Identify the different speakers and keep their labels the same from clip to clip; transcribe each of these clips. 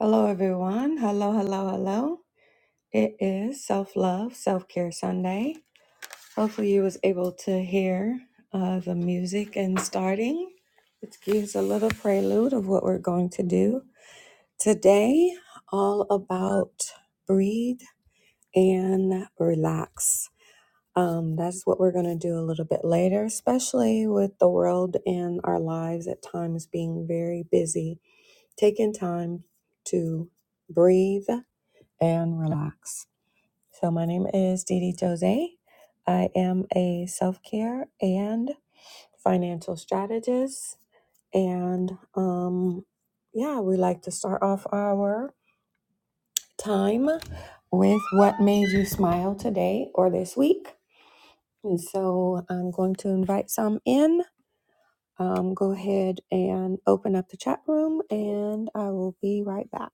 Speaker 1: Hello, everyone. Hello, hello, hello. It is Self Love, Self Care Sunday. Hopefully, you was able to hear uh, the music and starting. It gives a little prelude of what we're going to do today. All about breathe and relax. Um, that's what we're going to do a little bit later, especially with the world and our lives at times being very busy. Taking time to breathe and relax. So, my name is Didi Jose. I am a self care and financial strategist. And um, yeah, we like to start off our time with what made you smile today or this week. And so, I'm going to invite some in. Um, go ahead and open up the chat room, and I will be right back.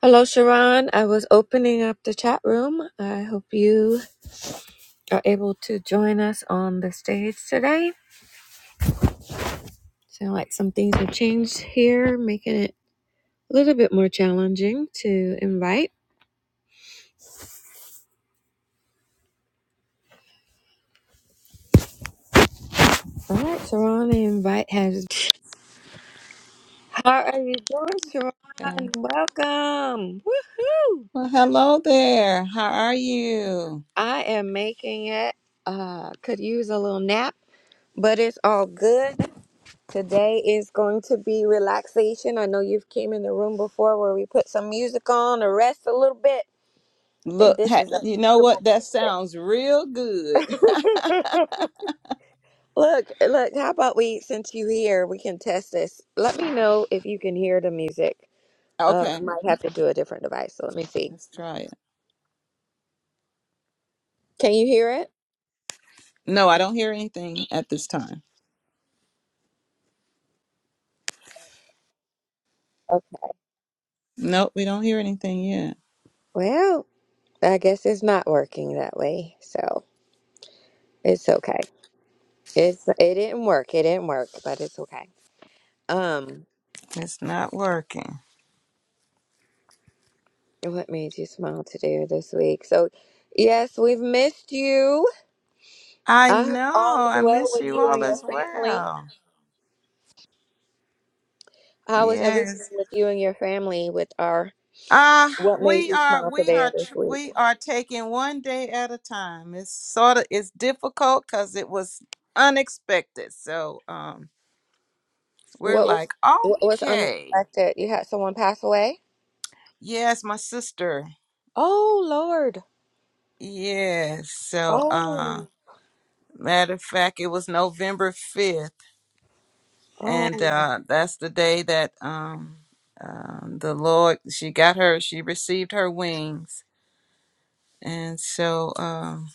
Speaker 1: Hello, Sharon. I was opening up the chat room. I hope you are able to join us on the stage today. Sound like some things have changed here, making it a little bit more challenging to invite. All right, Sharon, the invite has. How are you doing, Sharon?
Speaker 2: Okay.
Speaker 1: Welcome. Woohoo!
Speaker 2: Well, hello there. How are you?
Speaker 1: I am making it. Uh, could use a little nap, but it's all good. Today is going to be relaxation. I know you've came in the room before where we put some music on to rest a little bit. I think
Speaker 2: Look,
Speaker 1: this
Speaker 2: ha-
Speaker 1: is a
Speaker 2: you know what?
Speaker 1: beautiful.
Speaker 2: That sounds real good.
Speaker 1: Look, look, how about we, since you here, we can test this. Let me know if you can hear the music. Uh,
Speaker 2: Okay,
Speaker 1: I might have to do a different device, so let me see.
Speaker 2: let's try it.
Speaker 1: Can you hear it?
Speaker 2: No, I don't hear anything at this time.
Speaker 1: Okay.
Speaker 2: Nope, we don't hear anything yet.
Speaker 1: Well, I guess it's not working that way, so it's okay. It's it didn't work. It didn't work, but it's okay. Um,
Speaker 2: It's not working.
Speaker 1: what made you smile today or this week? So, yes, we've missed you.
Speaker 2: I
Speaker 1: I hope
Speaker 2: know.
Speaker 1: all is
Speaker 2: I
Speaker 1: well
Speaker 2: miss
Speaker 1: with
Speaker 2: you
Speaker 1: you and
Speaker 2: all
Speaker 1: your
Speaker 2: as
Speaker 1: family.
Speaker 2: well.
Speaker 1: How is everything
Speaker 2: Yes.
Speaker 1: with you and your family with our?
Speaker 2: Uh,
Speaker 1: What made
Speaker 2: we
Speaker 1: you
Speaker 2: are
Speaker 1: smile
Speaker 2: we
Speaker 1: today or
Speaker 2: are
Speaker 1: this
Speaker 2: tr-
Speaker 1: week?
Speaker 2: we are taking one day at a time. It's sort of it's difficult cuz it was unexpected. So, um we're
Speaker 1: What was
Speaker 2: like,
Speaker 1: what was
Speaker 2: okay.
Speaker 1: unexpected? You had someone pass away?
Speaker 2: Yes, my sister.
Speaker 1: Oh Lord.
Speaker 2: Yes. So, uh,
Speaker 1: Oh,
Speaker 2: matter of fact, it was November 5th.
Speaker 1: Oh,
Speaker 2: And, uh, that's the day that, um, um, the Lord, she got her, she received her wings. And so, um,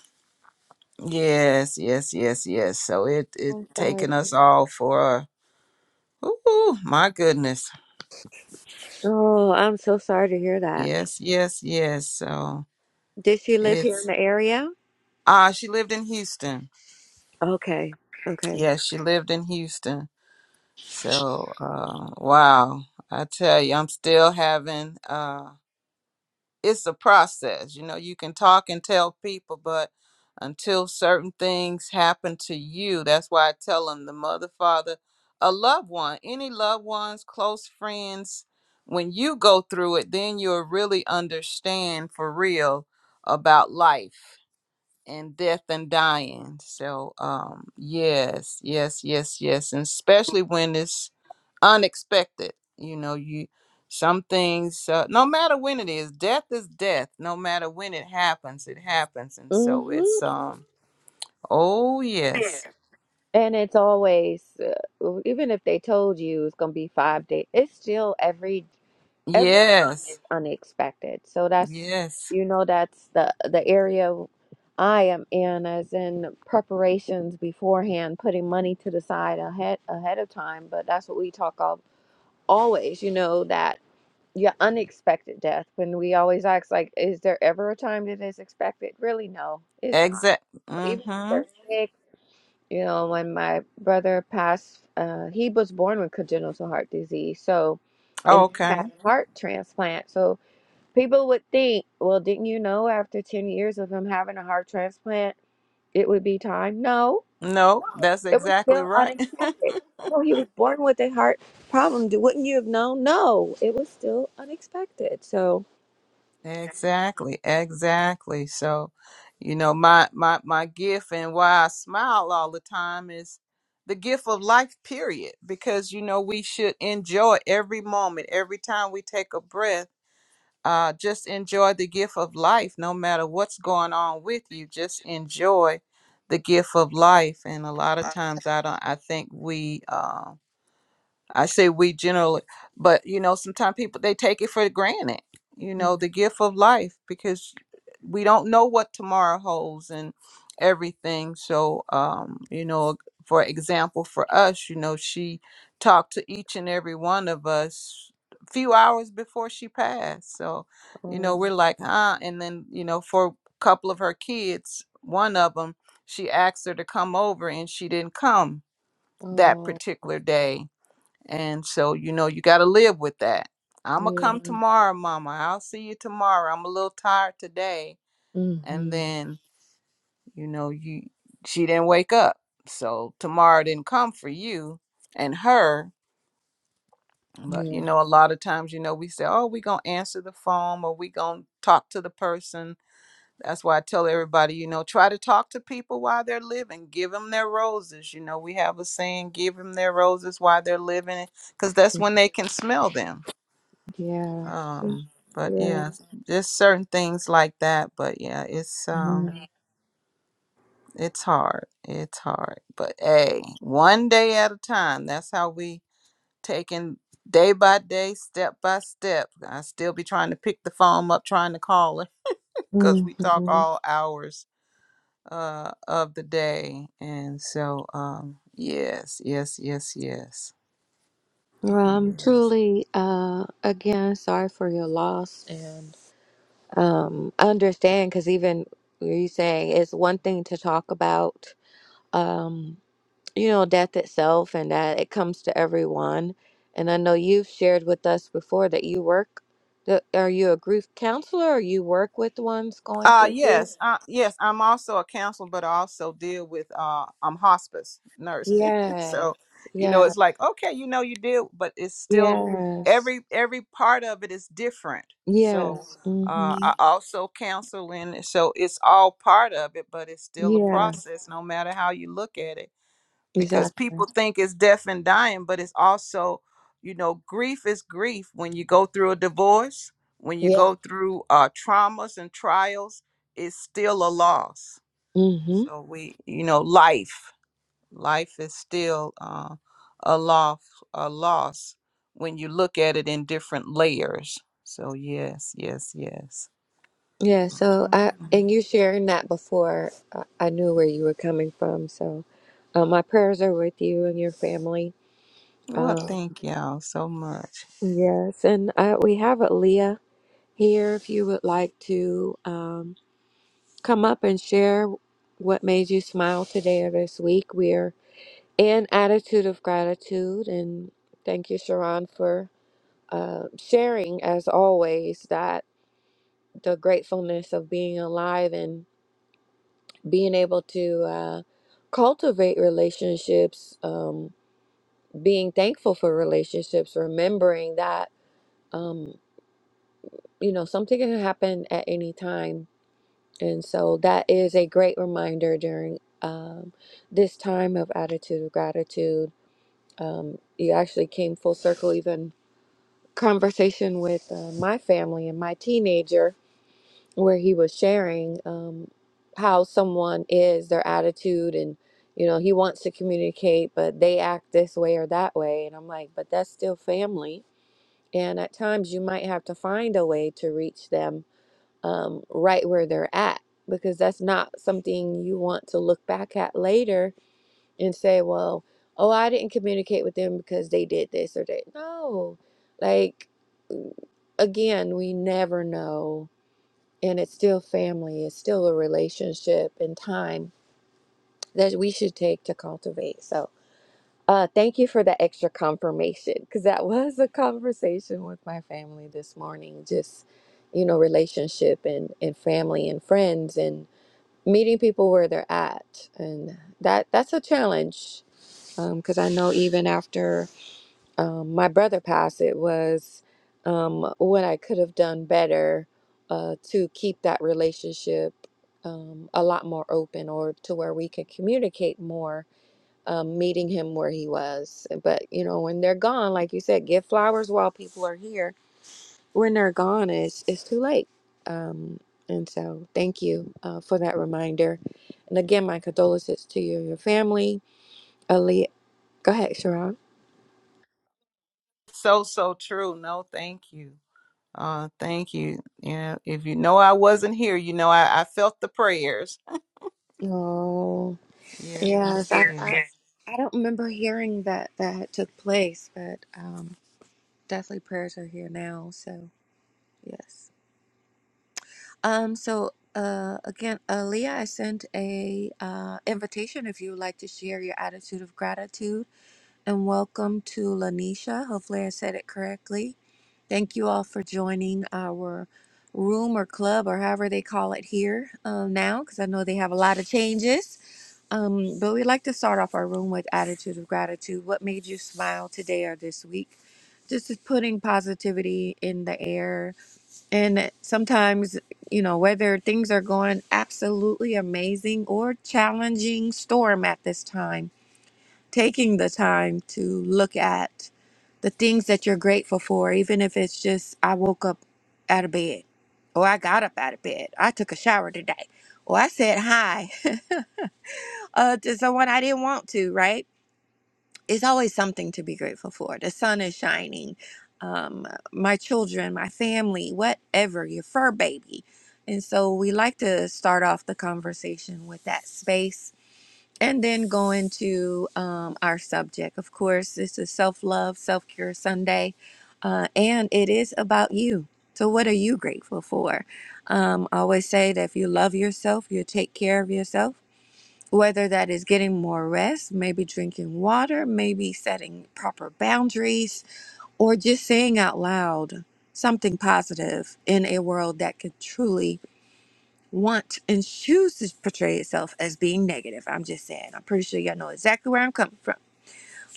Speaker 2: yes, yes, yes, yes. So it, it
Speaker 1: I'm sorry.
Speaker 2: taken us all for, a, ooh, my goodness.
Speaker 1: Oh, I'm so sorry to hear that.
Speaker 2: Yes, yes, yes. So
Speaker 1: Did she live here in
Speaker 2: it's,
Speaker 1: the area?
Speaker 2: ah, she lived in Houston.
Speaker 1: Okay. Okay.
Speaker 2: Yes, she lived in Houston. So, uh, wow, I tell you, I'm still having. Uh, it's a process, you know. You can talk and tell people, but until certain things happen to you, that's why I tell them the mother, father, a loved one, any loved ones, close friends. When you go through it, then you'll really understand for real about life and death and dying. So um yes, yes, yes, yes. And especially when it's unexpected. You know, you some things uh, no matter when it is, death is death. No matter when it happens, it happens. And so
Speaker 1: Mm-hmm.
Speaker 2: it's um oh yes.
Speaker 1: And it's always, uh, even if they told you it's gonna be five days, it's still every. Every time
Speaker 2: Yes.
Speaker 1: is unexpected. So that's,
Speaker 2: Yes.
Speaker 1: you know, that's the the area I am in, as in preparations beforehand, putting money to the side ahead ahead of time. But that's what we talk of always, you know, that your unexpected death. When we always ask, like, is there ever a time that is expected? Really, no, it's not.
Speaker 2: Exact.
Speaker 1: Even if
Speaker 2: Mhm.
Speaker 1: they're sick, you know, when my brother passed, uh, he was born with congenital heart disease, so and he
Speaker 2: Okay.
Speaker 1: had a heart transplant. So People would think, well, didn't you know after 10 years of him having a heart transplant, it would be time? No,
Speaker 2: No, that's
Speaker 1: it was
Speaker 2: exactly
Speaker 1: still
Speaker 2: right.
Speaker 1: unexpected. Oh, he was born with a heart problem. Do- Wouldn't you have known? No, it was still unexpected. So,
Speaker 2: Exactly, exactly. So, you know, my my my gift and why I smile all the time is the gift of life period because you know we should enjoy every moment, every time we take a breath. Uh just enjoy the gift of life no matter what's going on with you. Just enjoy the gift of life and a lot of times I don't I think we um I say we generally, but you know, sometimes people they take it for granted. You know,
Speaker 1: Mm.
Speaker 2: the gift of life because we don't know what tomorrow holds and everything. So, um, you know, for example, for us, you know, she talked to each and every one of us few hours before she passed. So, you know,
Speaker 1: oh,
Speaker 2: we're like, huh? And then, you know, for a couple of her kids, one of them, she asked her to come over and she didn't come that
Speaker 1: oh,
Speaker 2: particular day and so, you know, you got to live with that. I'm going to come
Speaker 1: yeah,
Speaker 2: tomorrow, mama. I'll see you tomorrow. I'm a little tired today. And
Speaker 1: mm-hmm,
Speaker 2: then, you know, you she didn't wake up. So, tomorrow didn't come for you and her. But, you
Speaker 1: yeah,
Speaker 2: know, a lot of times, you know, we say, "Oh, we going to answer the phone or we going to talk to the person." That's why I tell everybody, you know, try to talk to people while they're living. Give them their roses. You know, we have a saying, "Give them their roses while they're living," because that's when they can smell them
Speaker 1: yeah, so-
Speaker 2: um but
Speaker 1: yeah.
Speaker 2: yeah just certain things like that but yeah it's um
Speaker 1: Mm-hmm.
Speaker 2: it's hard it's hard but hey one day at a time that's how we taking day by day step by step i still be trying to pick the phone up trying to call her because we talk
Speaker 1: Well,
Speaker 2: all hours uh of the day and so um yes yes yes yes
Speaker 1: I'm
Speaker 2: yes
Speaker 1: truly, uh, again, sorry for your loss um I understand because even you saying it's one thing to talk about um you know death itself and that it comes to everyone and I know you've shared with us before that you work that are you a grief counselor or you work with ones going
Speaker 2: Uh
Speaker 1: through grief
Speaker 2: yes, uh, yes. I'm also a counselor, but I also deal with uh, I'm hospice nurse.
Speaker 1: yes
Speaker 2: so, you know,
Speaker 1: yes
Speaker 2: it's like okay, you know, you deal, but it's still
Speaker 1: yes
Speaker 2: every every part of it is different. So,
Speaker 1: yes
Speaker 2: uh,
Speaker 1: mm-hmm
Speaker 2: I also counsel, and so it's all part of it, but it's still a
Speaker 1: yeah
Speaker 2: process, no matter how you look at it because
Speaker 1: exactly
Speaker 2: people think it's death and dying, but it's also, you know, grief is grief when you go through a divorce, when you
Speaker 1: yeah
Speaker 2: go through uh, traumas and trials, it's still a loss. So we, you know, life, life is still uh, a loss, a loss when you look at it in different layers. So yes, yes, yes.
Speaker 1: Yeah, so I and you sharing that before I I knew where you were coming from. So uh, my prayers are with you and your family.
Speaker 2: Well,
Speaker 1: Um,
Speaker 2: thank y'all so much.
Speaker 1: yes, and uh, we have Leah here. If you would like to um, come up and share what made you smile today or this week, we're in attitude of gratitude, and thank you, Sharon, for uh, sharing as always that the gratefulness of being alive being able to uh, cultivate relationships, um, being thankful for relationships, remembering that, um, you know, something can happen at any time. And so that is a great reminder during um, this time of attitude of gratitude. Um, you actually came full circle, even conversation with uh, my family and my teenager. where he was sharing um, how someone is, their attitude, and you know he wants to communicate, but they act this way or that way, and I'm like, but that's still family, and at times you might have to find a way to reach them um, right where they're at because that's not something you want to look back at later and say, well, oh, I didn't communicate with them because they did this or they no, like again, we never know and it's still family it's still a relationship and time that we should take to cultivate so uh thank you for the extra confirmation because that was a conversation with my family this morning just you know relationship and and family and friends and meeting people where they're at and that that's a challenge because i know even after um, my brother passed, it was um, what I could have done better uh, to keep that relationship um, a lot more open or to where we could communicate more, um, meeting him where he was. But, you know, when they're gone, like you said, give flowers while people are here. When they're gone, it's, it's too late. Um, and so, thank you uh, for that reminder. And again, my condolences to you and your family. Ali, go ahead, Sharon.
Speaker 2: So so true. No, thank you. Uh, thank you. Yeah, if you know I wasn't here, you know I, I felt the prayers.
Speaker 1: Oh.
Speaker 2: Yes, yes,
Speaker 1: Yes, I,
Speaker 2: yes.
Speaker 1: I, I don't remember hearing that that took place, but um, definitely prayers are here now. So yes. Um. So uh, again, uh, Leah, I sent a uh, invitation if you would like to share your attitude of gratitude and welcome to Lanisha. Hopefully, I said it correctly. Thank you all for joining our room or club or however they call it here uh, now, because I know they have a lot of changes. Um, but we like to start off our room with attitude of gratitude. What made you smile today or this week? Just is putting positivity in the air. And sometimes, you know, whether things are going absolutely amazing or challenging storm at this time, taking the time to look at the things that you're grateful for, even if it's just I woke up out of bed, or I got up out of bed, I took a shower today, or I said hi uh, to someone I didn't want to, right? It's always something to be grateful for. The sun is shining, um, my children, my family, whatever, your fur baby. And so we like to start off the conversation with that space and then go into um, our subject. Of course, this is Self Love, Self care Sunday, uh, and it is about you. So, what are you grateful for? Um, I always say that if you love yourself, you take care of yourself whether that is getting more rest, maybe drinking water, maybe setting proper boundaries, or just saying out loud something positive in a world that could truly want and choose to portray itself as being negative. I'm just saying. I'm pretty sure y'all know exactly where I'm coming from.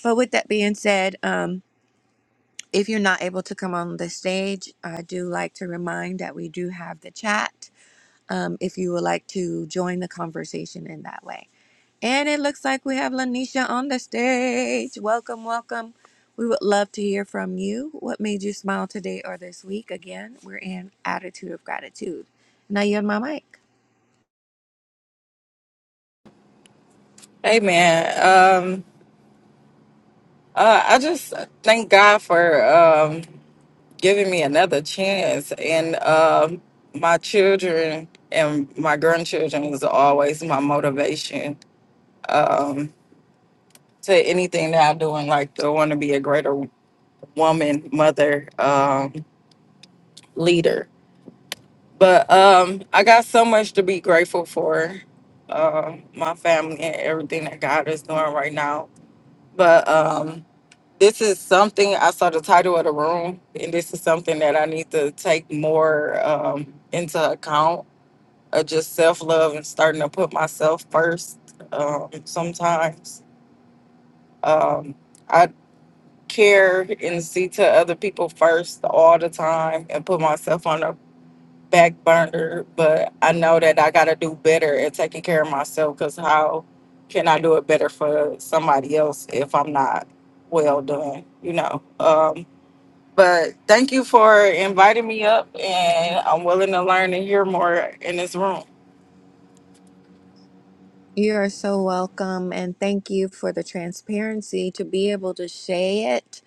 Speaker 1: But with that being said, um, if you're not able to come on the stage, I do like to remind that we do have the chat. Um, if you would like to join the conversation in that way. And it looks like we have Lanisha on the stage. Welcome, welcome. We would love to hear from you. What made you smile today or this week? Again, we're in attitude of gratitude. Now you're on my mic.
Speaker 3: Amen. Um, uh, I just thank God for um, giving me another chance. And um, my children and my grandchildren is always my motivation um, to anything that I do. And like, I want to be a greater woman, mother, um, leader. But um, I got so much to be grateful for uh, my family and everything that God is doing right now. But um, This is something I saw the title of the room, and this is something that I need to take more um, into account of just self love and starting to put myself first. Um, sometimes um, I care and see to other people first all the time and put myself on the back burner, but I know that I got to do better at taking care of myself because how can I do it better for somebody else if I'm not well done, you know? Um, but thank you for inviting me up, and I'm willing to learn and hear more in this room.
Speaker 1: You are so welcome, and thank you for the transparency to be able to say it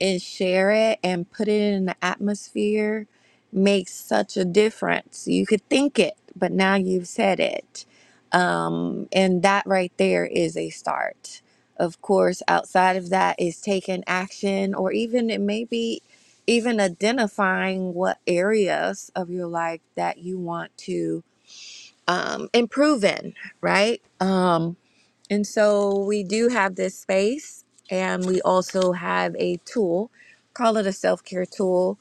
Speaker 1: and share it and put it in the atmosphere makes such a difference. You could think it, but now you've said it. Um, and that right there is a start. Of course, outside of that is taking action, or even it may be even identifying what areas of your life that you want to um, and proven, right? Um, and so we do have this space, and we also have a tool, call it a self care tool,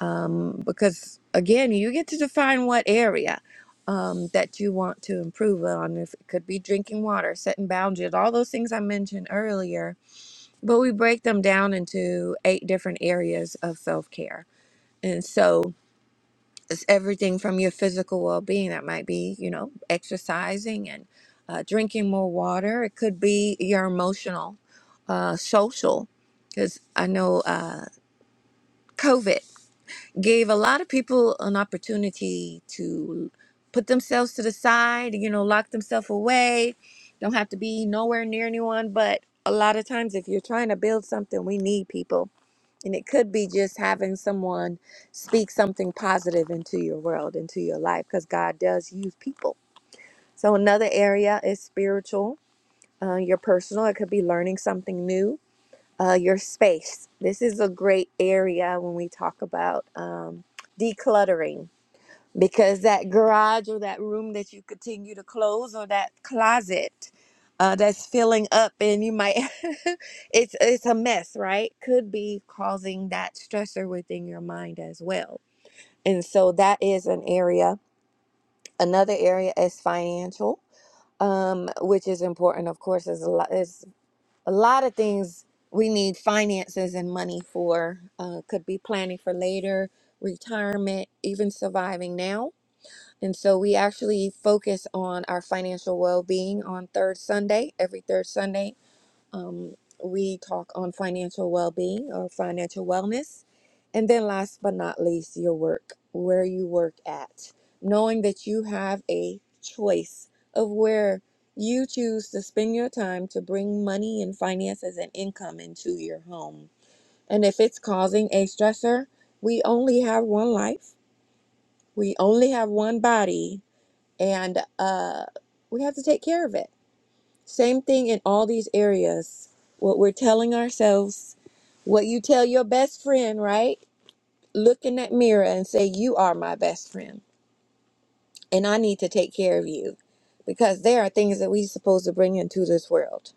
Speaker 1: um, because again, you get to define what area um, that you want to improve on. If it could be drinking water, setting boundaries, all those things I mentioned earlier, but we break them down into eight different areas of self care. And so it's everything from your physical well-being that might be you know exercising and uh, drinking more water it could be your emotional uh, social because i know uh, covid gave a lot of people an opportunity to put themselves to the side you know lock themselves away don't have to be nowhere near anyone but a lot of times if you're trying to build something we need people and it could be just having someone speak something positive into your world, into your life, because God does use people. So, another area is spiritual, uh, your personal. It could be learning something new, uh, your space. This is a great area when we talk about um, decluttering because that garage or that room that you continue to close or that closet uh, that's filling up and you might it's it's a mess right could be causing that stressor within your mind as well and so that is an area another area is financial um, which is important of course there's a lot there's a lot of things we need finances and money for uh, could be planning for later retirement even surviving now and so we actually focus on our financial well being on third Sunday. Every third Sunday, um, we talk on financial well being or financial wellness. And then, last but not least, your work, where you work at, knowing that you have a choice of where you choose to spend your time to bring money and finances and income into your home. And if it's causing a stressor, we only have one life, we only have one body, and uh, we have to take care of it. Same thing in all these areas. What we're telling ourselves, what you tell your best friend, right? Look in that mirror and say, You are my best friend, and I need to take care of you because there are things that we're supposed to bring into this world.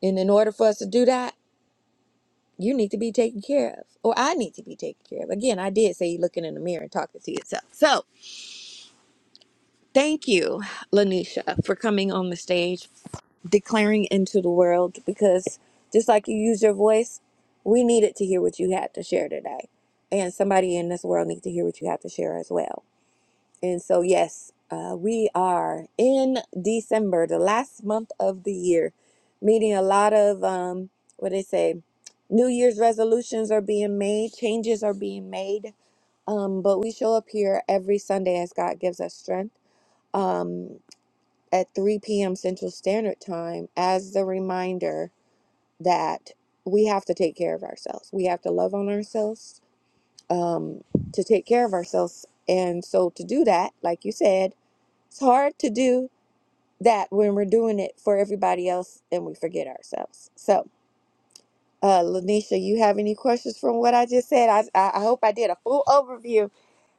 Speaker 1: And in order for us to do that, you need to be taken care of, or I need to be taken care of. Again, I did say looking in the mirror and talking to yourself. So, thank you, Lanisha, for coming on the stage declaring into the world because just like you use your voice, we needed to hear what you had to share today. And somebody in this world needs to hear what you have to share as well. And so, yes, uh, we are in December, the last month of the year, meeting a lot of um, what they say New Year's resolutions are being made, changes are being made. Um, but we show up here every Sunday as God gives us strength. Um, at 3 p.m. Central Standard Time as the reminder that we have to take care of ourselves. We have to love on ourselves um, to take care of ourselves. And so, to do that, like you said, it's hard to do that when we're doing it for everybody else and we forget ourselves. So, uh, Lanisha, you have any questions from what I just said? I, I I hope I did a full overview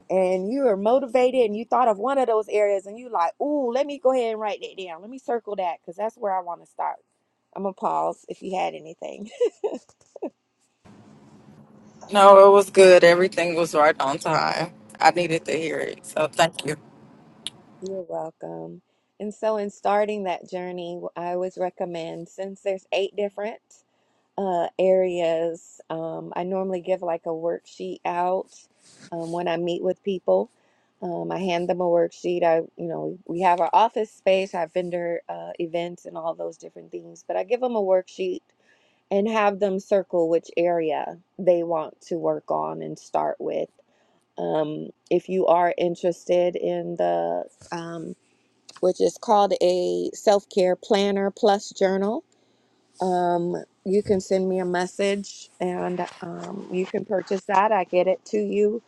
Speaker 1: and you are motivated and you thought of one of those areas and you like, ooh, let me go ahead and write that down. Let me circle that because that's where I want to start. I'm gonna pause if you had anything.
Speaker 3: No, it was good. Everything was right on time. I needed to hear it. So thank you.
Speaker 1: You're welcome. And so in starting that journey, I always recommend since there's eight different uh, areas, um, I normally give like a worksheet out um, when I meet with people. Um, I hand them a worksheet. I, you know, we have our office space, our vendor uh, events, and all those different things. But I give them a worksheet and have them circle which area they want to work on and start with. Um, if you are interested in the, um, which is called a self care planner plus journal, um, you can send me a message and um, you can purchase that. I get it to you.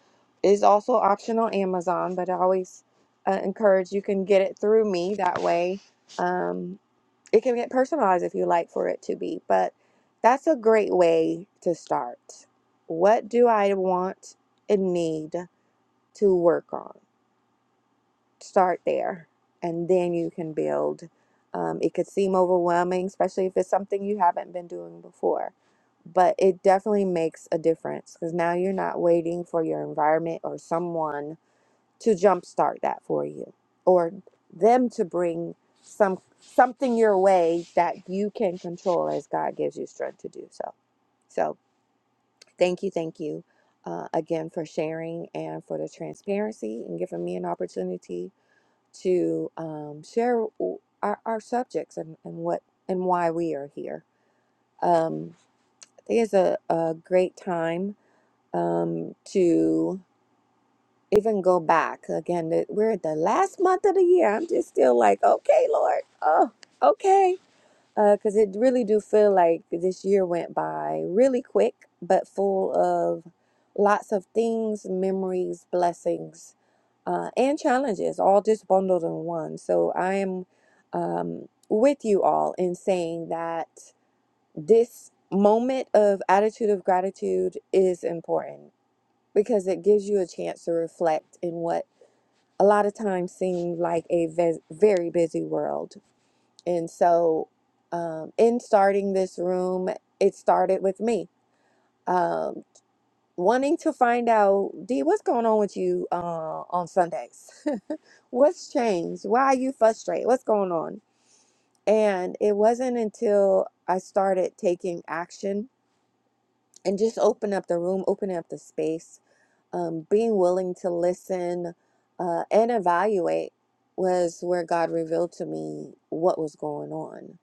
Speaker 1: Is also optional Amazon, but I always uh, encourage you can get it through me that way. Um, it can get personalized if you like for it to be, but that's a great way to start. What do I want and need to work on? Start there, and then you can build. Um, it could seem overwhelming, especially if it's something you haven't been doing before, but it definitely makes a difference because now you're not waiting for your environment or someone to jumpstart that for you or them to bring some something your way that you can control as God gives you strength to do so. So thank you, thank you uh, again for sharing and for the transparency and giving me an opportunity to um, share w- our, our subjects and, and what and why we are here. Um, I think it's a, a great time um, to even go back again. the- We're at the last month of the year. I'm just still like, okay, Lord, oh, okay, because it really do feel like this year went by really quick, but full of lots of things, memories, blessings, uh, and challenges, all just bundled in one. So I am um, with you all in saying that this moment of attitude of gratitude is important because it gives you a chance to reflect in what a lot of times seem like a ve- very busy world. And so, um, in starting this room, it started with me um, wanting to find out, D, what's going on with you uh, on Sundays? what's changed? Why are you frustrated? What's going on? And it wasn't until I started taking action and just open up the room, open up the space um, being willing to listen uh, and evaluate was where God revealed to me what was going on.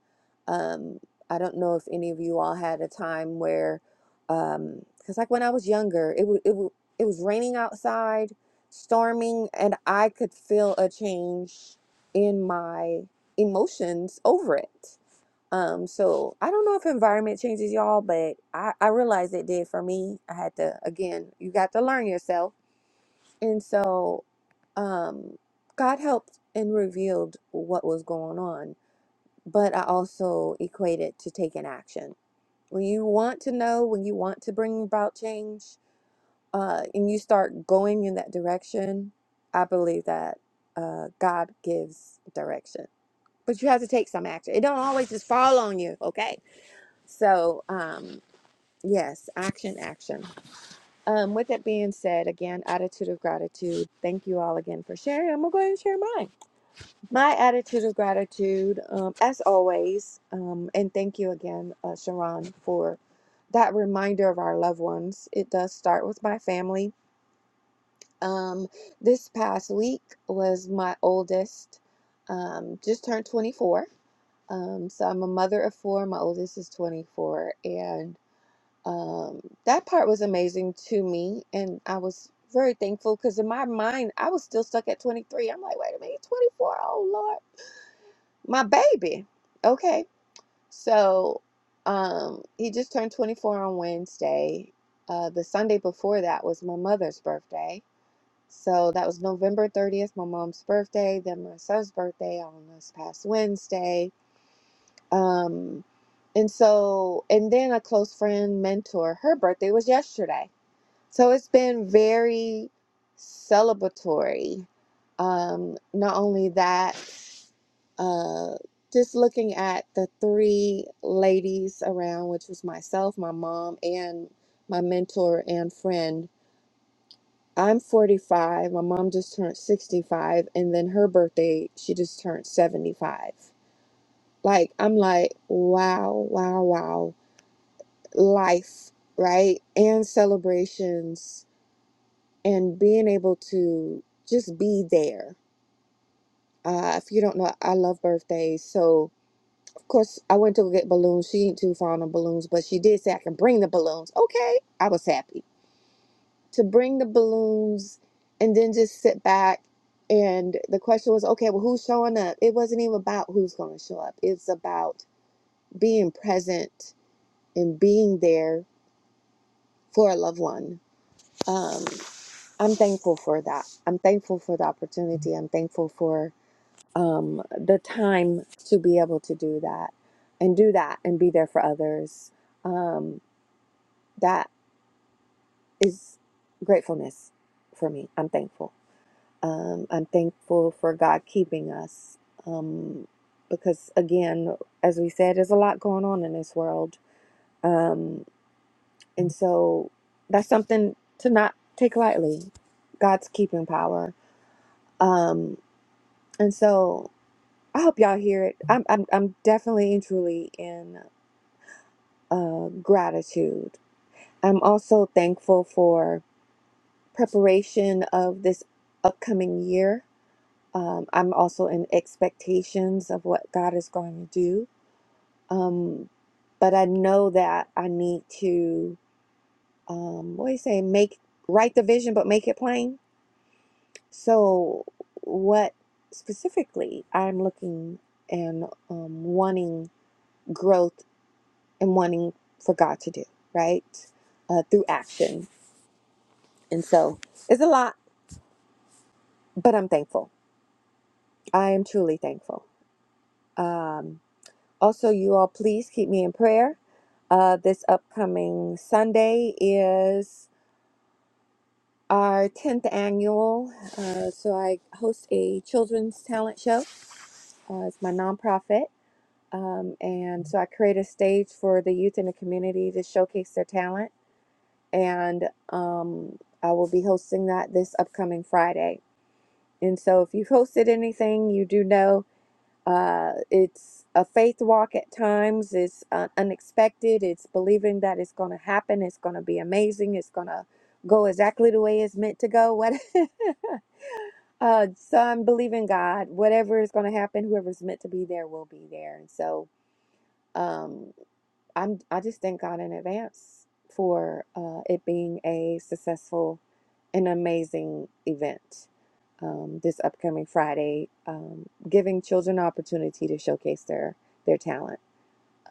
Speaker 1: Um, I don't know if any of you all had a time where, because like when I was younger, it, wa- it, wa- it was raining outside, storming, and I could feel a change in my emotions over it um, so I don't know if environment changes y'all, but I, I realized it did for me. I had to, again, you got to learn yourself. And so, um, God helped and revealed what was going on, but I also equate it to taking action. When you want to know, when you want to bring about change, uh, and you start going in that direction, I believe that uh, God gives direction. But you have to take some action. It don't always just fall on you, okay? So, um, yes, action, action. Um, with that being said, again, attitude of gratitude. Thank you all again for sharing. I'm gonna go ahead and share mine. My attitude of gratitude, um, as always, um, and thank you again, uh, Sharon, for that reminder of our loved ones. It does start with my family. Um, this past week was my oldest, um, just turned 24. Um, so I'm a mother of four. My oldest is 24, and um, that part was amazing to me, and I was very thankful because in my mind I was still stuck at 23. I'm like, wait a minute, 24. Oh Lord, my baby. Okay, so um, he just turned 24 on Wednesday. Uh, the Sunday before that was my mother's birthday. So that was November 30th, my mom's birthday, then my son's birthday on this past Wednesday. Um, and so, and then a close friend, mentor, her birthday was yesterday. So it's been very celebratory. Um, not only that, uh, just looking at the three ladies around, which was myself, my mom, and my mentor and friend. I'm 45. My mom just turned 65, and then her birthday, she just turned 75. Like, I'm like, wow, wow, wow. Life, right? And celebrations and being able to just be there. Uh, if you don't know, I love birthdays. So, of course, I went to go get balloons. She ain't too fond of balloons, but she did say I can bring the balloons. Okay, I was happy to bring the balloons and then just sit back. And the question was, okay, well, who's showing up? It wasn't even about who's going to show up, it's about being present and being there for a loved one. Um, I'm thankful for that. I'm thankful for the opportunity. I'm thankful for um, the time to be able to do that and do that and be there for others. Um, that is gratefulness for me. I'm thankful. Um, I'm thankful for God keeping us um, because, again, as we said, there's a lot going on in this world. Um, and so that's something to not take lightly God's keeping power. Um, and so I hope y'all hear it. I'm, I'm, I'm definitely and truly in. uh, gratitude. I'm also thankful for preparation of this upcoming year. Um, I'm also in expectations of what God is going to do. Um, but I know that I need to, um, what do you say, make, write the vision, but make it plain. So, what specifically I'm looking and um, wanting growth and wanting for God to do, right? Uh, through action And so it's a lot, but I'm thankful. I am truly thankful. Um, also, you all, please keep me in prayer. Uh, this upcoming Sunday is our 10th annual. Uh, so I host a children's talent show. Uh, it's my nonprofit. Um, and so I create a stage for the youth in the community to showcase their talent. And um, I will be hosting that this upcoming Friday. And so if you've hosted anything, you do know Uh, it's a faith walk at times. It's uh, unexpected. It's believing that it's going to happen. It's going to be amazing. It's going to go exactly the way it's meant to go. What? uh, so I'm believing God. Whatever is going to happen, whoever's meant to be there will be there. And so um, I'm. I just thank God in advance for uh, it being a successful an amazing event um, this upcoming Friday, um, giving children an opportunity to showcase their their talent.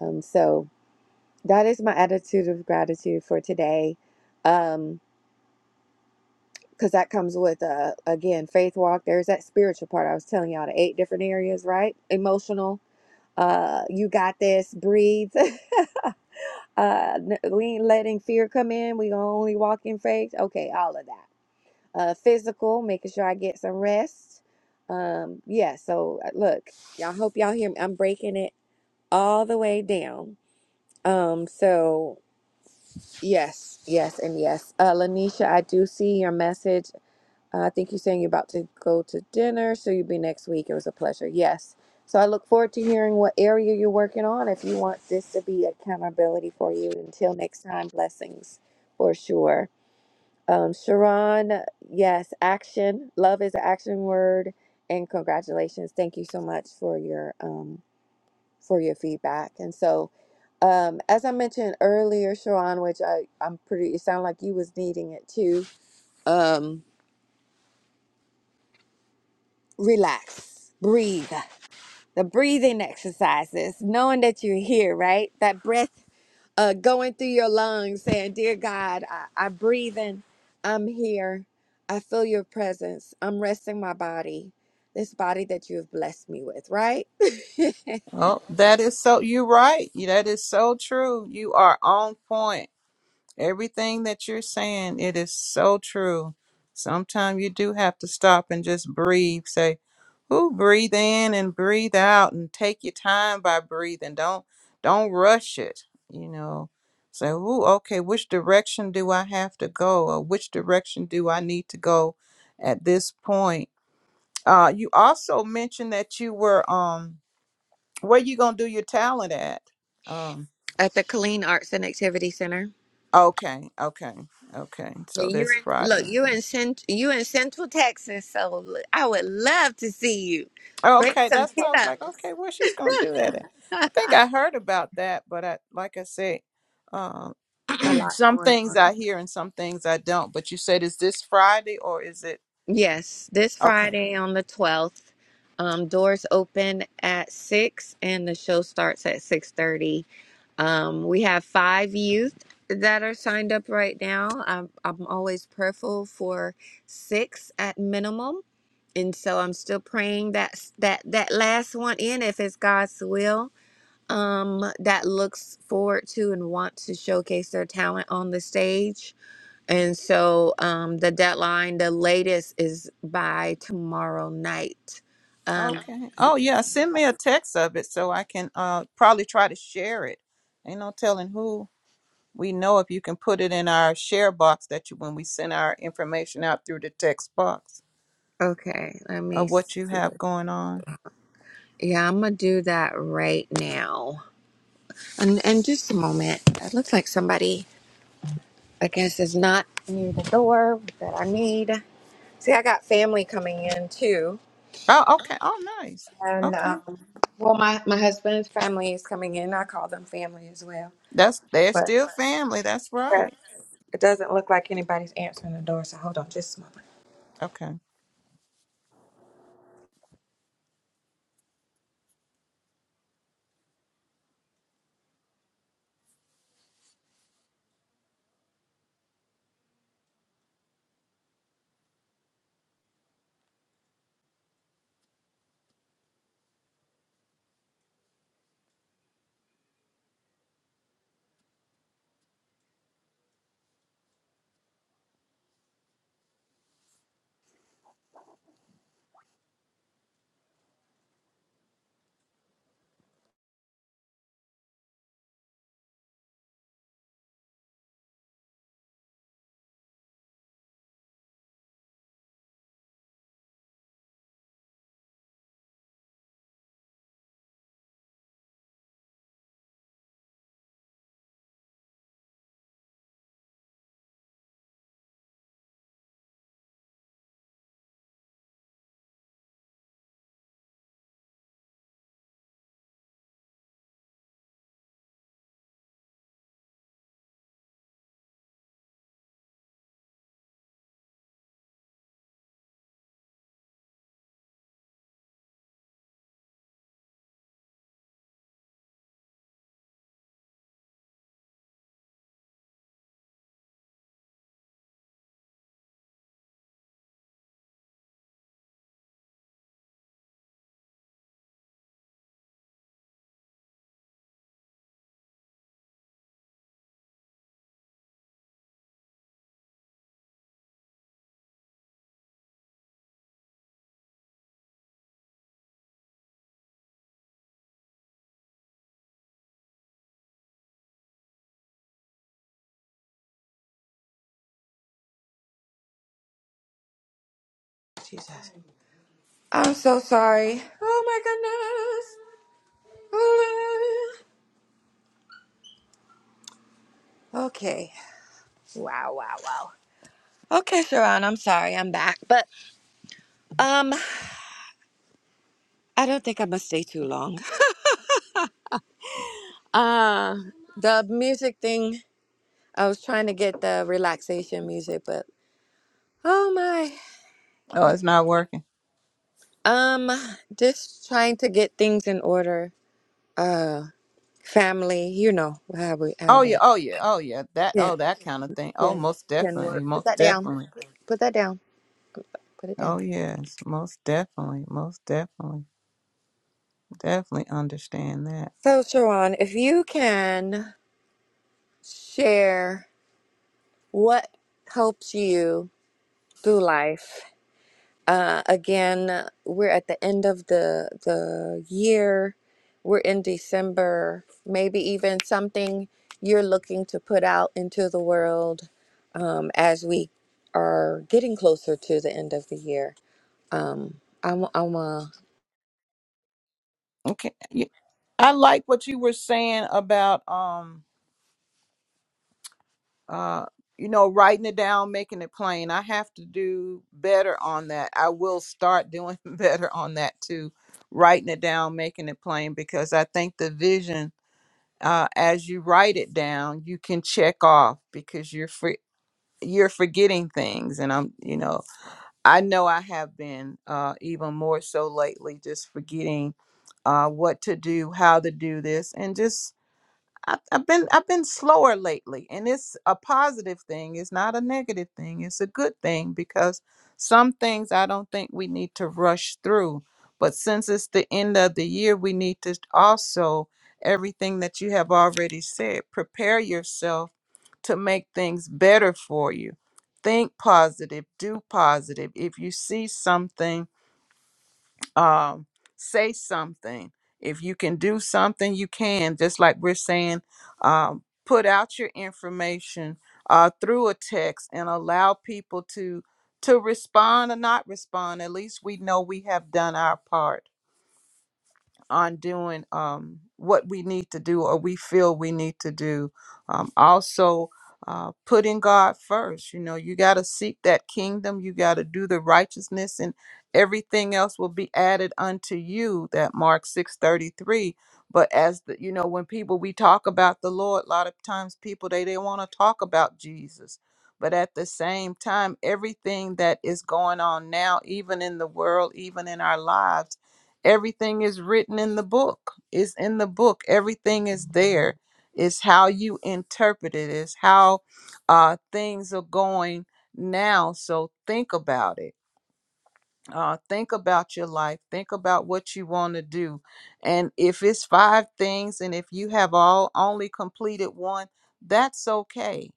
Speaker 1: Um, so that is my attitude of gratitude for today, Um, because that comes with uh, again faith walk. There's that spiritual part I was telling y'all the eight different areas, right? Emotional. Uh, you got this. Breathe. uh, n- we ain't letting fear come in. We gonna only walk in faith. Okay, all of that. uh, physical, making sure I get some rest. Um, yeah, so uh, look, y'all hope y'all hear me. I'm breaking it all the way down. Um, so yes, yes, and yes. Uh, Lanisha, I do see your message. Uh, I think you're saying you're about to go to dinner, so you'll be next week. It was a pleasure. Yes. So I look forward to hearing what area you're working on. If you want this to be accountability for you, until next time, blessings for sure. Um, Sharon, yes, action. Love is an action word. And congratulations. Thank you so much for your um, for your feedback. And so, um, as I mentioned earlier, Sharon, which I I'm pretty. It sounded like you was needing it too. Um, relax, breathe. The breathing exercises. Knowing that you're here, right? That breath uh, going through your lungs, saying, Dear God, I, I'm breathing. I'm here. I feel your presence. I'm resting my body, this body that you have blessed me with, right?
Speaker 2: Oh, that is so. You're right. That is so true. You are on point. Everything that you're saying, it is so true. Sometimes you do have to stop and just breathe. Say, "Ooh, breathe in and breathe out, and take your time by breathing. Don't don't rush it. You know, say, "Ooh, okay, which direction do I have to go, or which direction do I need to go at this point?" Uh, you also mentioned that you were um, where you gonna do your talent at? Um,
Speaker 1: At the Colleen Arts and Activity Center.
Speaker 2: okay, okay, okay. So
Speaker 1: And
Speaker 2: this
Speaker 1: you're in,
Speaker 2: Friday.
Speaker 1: look, you in cent, you in Central Texas, so l- I would love to see you. Bring
Speaker 2: Okay,
Speaker 1: some
Speaker 2: that's why I was like,
Speaker 1: kiddos.
Speaker 2: okay, well, she's gonna do that. And I think I heard about that, but I, like I said, um,
Speaker 1: A lot
Speaker 2: some
Speaker 1: going
Speaker 2: things
Speaker 1: on.
Speaker 2: I hear and some things I don't. But you said, is this Friday or is it?
Speaker 1: Yes, this
Speaker 2: Okay,
Speaker 1: Friday on the twelfth. Um, doors open at six, and the show starts at six thirty Um, we have five youth that are signed up right now. I'm, I'm always prayerful for six at minimum, and so I'm still praying that that that last one in, if it's God's will, um, that looks forward to and wants to showcase their talent on the stage. And so um, the deadline, the latest, is by tomorrow night. Um,
Speaker 2: okay. Oh yeah, send me a text of it so I can uh probably try to share it. Ain't no telling who we know if you can put it in our share box that you when we send our information out through the text box
Speaker 1: okay, let me.
Speaker 2: of what
Speaker 1: s-
Speaker 2: you have going on.
Speaker 1: Yeah, I'm gonna do that right now. And, and just a moment. It looks like somebody, I guess, is not near the door that I need. See, I got family coming in too.
Speaker 2: Oh, okay. Oh, nice.
Speaker 1: And,
Speaker 2: Okay.
Speaker 1: um, well, my, my husband's family is coming in. I call them family as well.
Speaker 2: That's they're
Speaker 1: But
Speaker 2: still family. That's
Speaker 1: uh,
Speaker 2: right.
Speaker 1: it doesn't look like anybody's answering the door. So hold on just a moment.
Speaker 2: Okay.
Speaker 1: Jesus. I'm so sorry. Oh my goodness. Oh, my- Okay. Wow, wow, wow. Okay, Sharon, I'm sorry I'm back. But um I don't think I'm gonna stay too long. Uh, the music thing, I was trying to get the relaxation music, but oh my.
Speaker 2: Oh, it's not working.
Speaker 1: Um, just trying to get things in order. Uh, family, you know how we how
Speaker 2: Oh yeah.
Speaker 1: that.
Speaker 2: Oh yeah. Oh yeah. That.
Speaker 1: Yeah,
Speaker 2: Oh, that kind of thing. Oh,
Speaker 1: can
Speaker 2: most
Speaker 1: can
Speaker 2: definitely.
Speaker 1: work. Put
Speaker 2: Most
Speaker 1: that down.
Speaker 2: definitely.
Speaker 1: Put that down. Put it down.
Speaker 2: Oh yes. Most definitely. Most definitely. Definitely understand that.
Speaker 1: So, Sharon, if you can share what helps you through life Uh, again, we're at the end of the the year. We're in December. Maybe even something you're looking to put out into the world um, as we are getting closer to the end of the year. Um, I'm, I'm uh,
Speaker 2: Okay. Yeah, I like what you were saying about um uh you know writing it down, making it plain. I have to do better on that. I will start doing better on that too. Writing it down, making it plain because I think the vision uh, as you write it down, you can check off because you're for, you're forgetting things, and I'm you know I know I have been uh, even more so lately, just forgetting uh, what to do, how to do this, and just I've, I've been I've been slower lately, and it's a positive thing. It's not a negative thing. It's a good thing because some things I don't think we need to rush through. But since it's the end of the year, we need to also everything that you have already said. Prepare yourself to make things better for you. Think positive, do positive. If you see something um, say something. If you can do something, you can. Just like we're saying, um, put out your information uh, through a text and allow people to to respond or not respond. At least we know we have done our part on doing um, what we need to do or we feel we need to do. Um, also, uh, putting God first. You know, you got to seek that kingdom, you got to do the righteousness, and everything else will be added unto you. That Mark six thirty three. But as the, you know, when people we talk about the Lord, a lot of times people they they want to talk about Jesus. But at the same time, everything that is going on now, even in the world, even in our lives everything is written in the book it's in the book everything is there it's how you interpret it it's how uh, things are going now so think about it uh, think about your life think about what you want to do and if it's five things and if you have all only completed one that's okay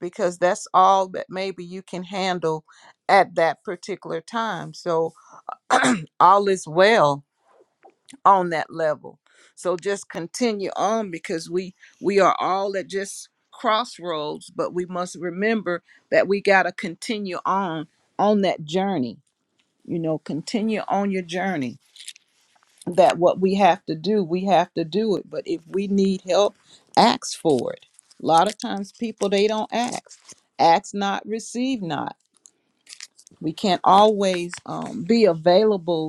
Speaker 2: because that's all that maybe you can handle at that particular time so all is well on that level so just continue on because we we are all at just crossroads but we must remember that we got to continue on on that journey you know continue on your journey that what we have to do we have to do it but if we need help ask for it a lot of times people they don't ask ask not receive not we can't always um, be available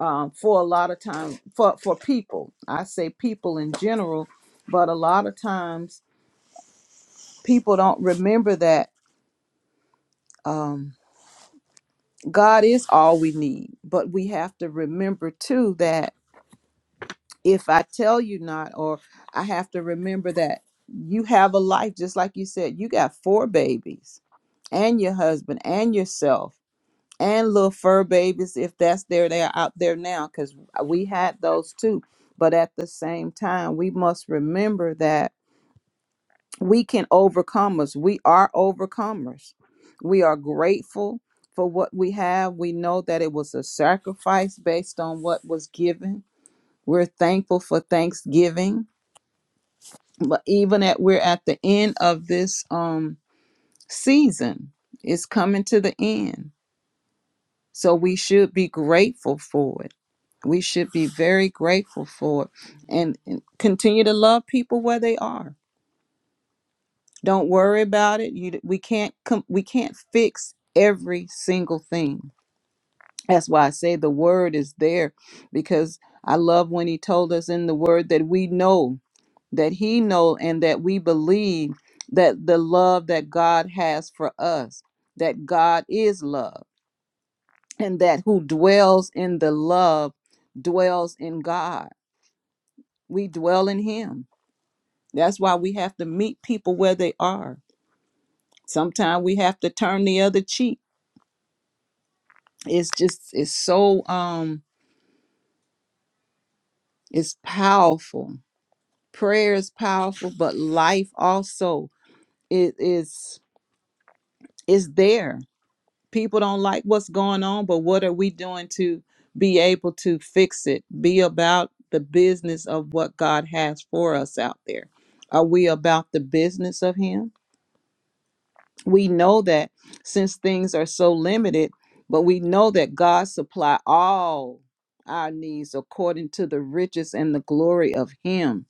Speaker 2: um, for a lot of time for for people. I say people in general, but a lot of times people don't remember that um, God is all we need. But we have to remember too that if I tell you not, or I have to remember that you have a life, just like you said, you got four babies and your husband and yourself. and little fur babies if that's there they are out there now because we had those too but at the same time we must remember that we can overcome us we are overcomers we are grateful for what we have we know that it was a sacrifice based on what was given we're thankful for thanksgiving but even at we're at the end of this um season it's coming to the end So we should be grateful for it. We should be very grateful for it and, and continue to love people where they are. Don't worry about it. You, we can't com- we can't fix every single thing. That's why I say the word is there because I love when he told us in the word that we know that he know and that we believe that the love that God has for us, that God is love and that who dwells in the love dwells in God. We dwell in Him. That's why we have to meet people where they are. Sometimes we have to turn the other cheek. It's just it's so um it's powerful. Prayer is powerful, but life also it is is there people don't like what's going on, but what are we doing to be able to fix it? Be about the business of what God has for us out there. Are we about the business of Him? We know that since things are so limited, but we know that God supply all our needs according to the riches and the glory of Him.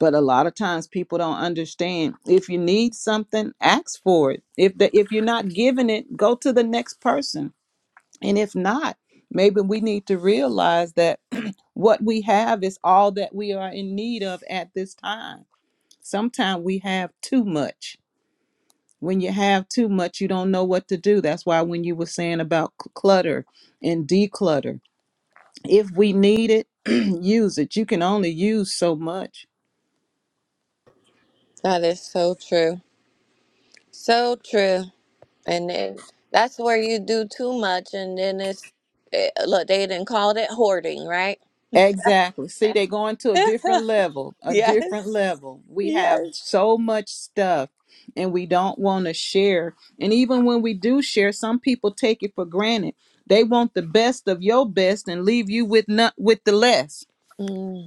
Speaker 2: But a lot of times people don't understand. If you need something, ask for it. If the, if you're not giving it, go to the next person And if not, maybe we need to realize that what we have is all that we are in need of at this time. Sometimes we have too much. When you have too much, you don't know what to do. That's why when you were saying about c- clutter and declutter, if we need it, use it. You can only use so much
Speaker 1: that is so true, so true. And then that's where you do too much, and then it's eh, look. They didn't call it hoarding, right?
Speaker 2: Exactly. See, they're going to a different level, a different
Speaker 1: yes.
Speaker 2: level. We
Speaker 1: Yes.
Speaker 2: have so much stuff and we don't want to share. And even when we do share, some people take it for granted. They want the best of your best and leave you with not with the less.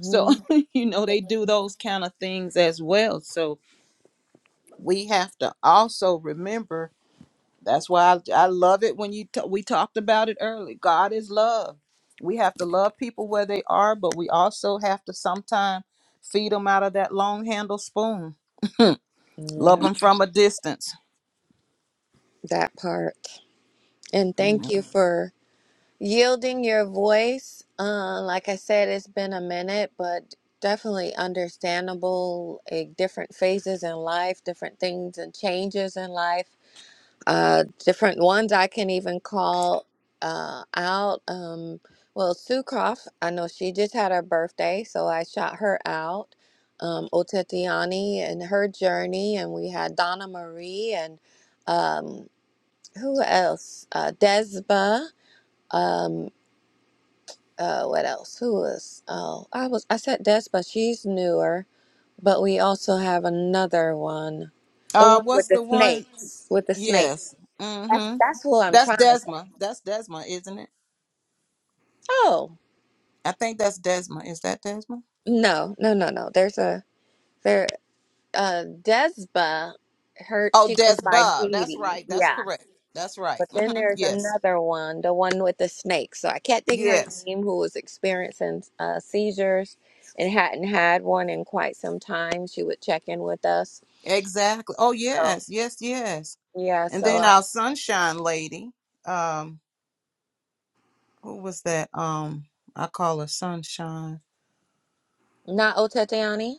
Speaker 2: So, you know, they do those kind of things as well. So we have to also remember that's why I, I love it when you t- we talked about it early. God is love. We have to love people where they are, but we also have to sometimes feed them out of that long handle spoon. Love them from a distance.
Speaker 1: that part. And thank
Speaker 2: Mhm.
Speaker 1: you for yielding your voice. Uh, like I said, it's been a minute, but definitely understandable. eh, different phases in life, different things and changes in life, uh, different ones I can even call uh, out. Um, well, Sue Croft, I know she just had her birthday, so I shot her out. Um, Otetiani and her journey, and we had Donna Marie and um, who else? Uh, Desba. Um, uh, what else? Who was? Oh, I was. I said Desba. She's newer, but we also have another one, the
Speaker 2: Uh,
Speaker 1: one
Speaker 2: what's
Speaker 1: with the
Speaker 2: the one?
Speaker 1: snakes. With the snake.
Speaker 2: Yes.
Speaker 1: That's
Speaker 2: Mm-hmm.
Speaker 1: that's who I'm
Speaker 2: That's
Speaker 1: trying to say.
Speaker 2: Desma. That's Desma, isn't it?
Speaker 1: Oh
Speaker 2: I think that's Desma. Is that Desma?
Speaker 1: no, no, no, no. There's a there. Uh, Desba. Her.
Speaker 2: Oh,
Speaker 1: She
Speaker 2: Des
Speaker 1: goes by
Speaker 2: Bob.
Speaker 1: Dee
Speaker 2: That's
Speaker 1: Dee.
Speaker 2: right. That's
Speaker 1: Yeah.
Speaker 2: correct. That's right.
Speaker 1: But then
Speaker 2: Mm-hmm.
Speaker 1: there's
Speaker 2: Yes.
Speaker 1: another one, the one with the snake. So I can't think of her
Speaker 2: Yes.
Speaker 1: name, who was experiencing uh, seizures and hadn't had one in quite some time. She would check in with us.
Speaker 2: Exactly. Oh,
Speaker 1: So
Speaker 2: yes. Yes. Yes.
Speaker 1: yeah,
Speaker 2: And
Speaker 1: so
Speaker 2: then
Speaker 1: uh,
Speaker 2: our sunshine lady, um, who was that? Um, I call her sunshine.
Speaker 1: not Otetiani.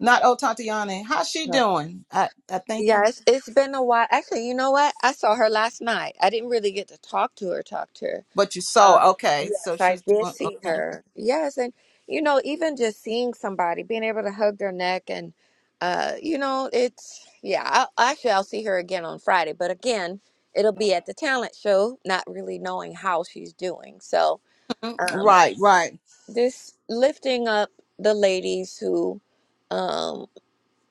Speaker 2: Not oh Tatiana. How's she
Speaker 1: No.
Speaker 2: doing? I I think.
Speaker 1: Yeah,
Speaker 2: th-
Speaker 1: it's, it's been a while. Actually, you know what? I saw her last night. I didn't really get to talk to her, talk to her
Speaker 2: but you
Speaker 1: Um,
Speaker 2: saw. Okay, so
Speaker 1: yes, I
Speaker 2: she's
Speaker 1: did
Speaker 2: doing
Speaker 1: see
Speaker 2: okay.
Speaker 1: her. Yes, and you know, even just seeing somebody, being able to hug their neck, and uh, you know, it's yeah. I, actually, I'll see her again on Friday, but again, it'll be at the talent show, not really knowing how she's doing. So,
Speaker 2: Mm,
Speaker 1: um,
Speaker 2: Right, right.
Speaker 1: this lifting up the ladies who um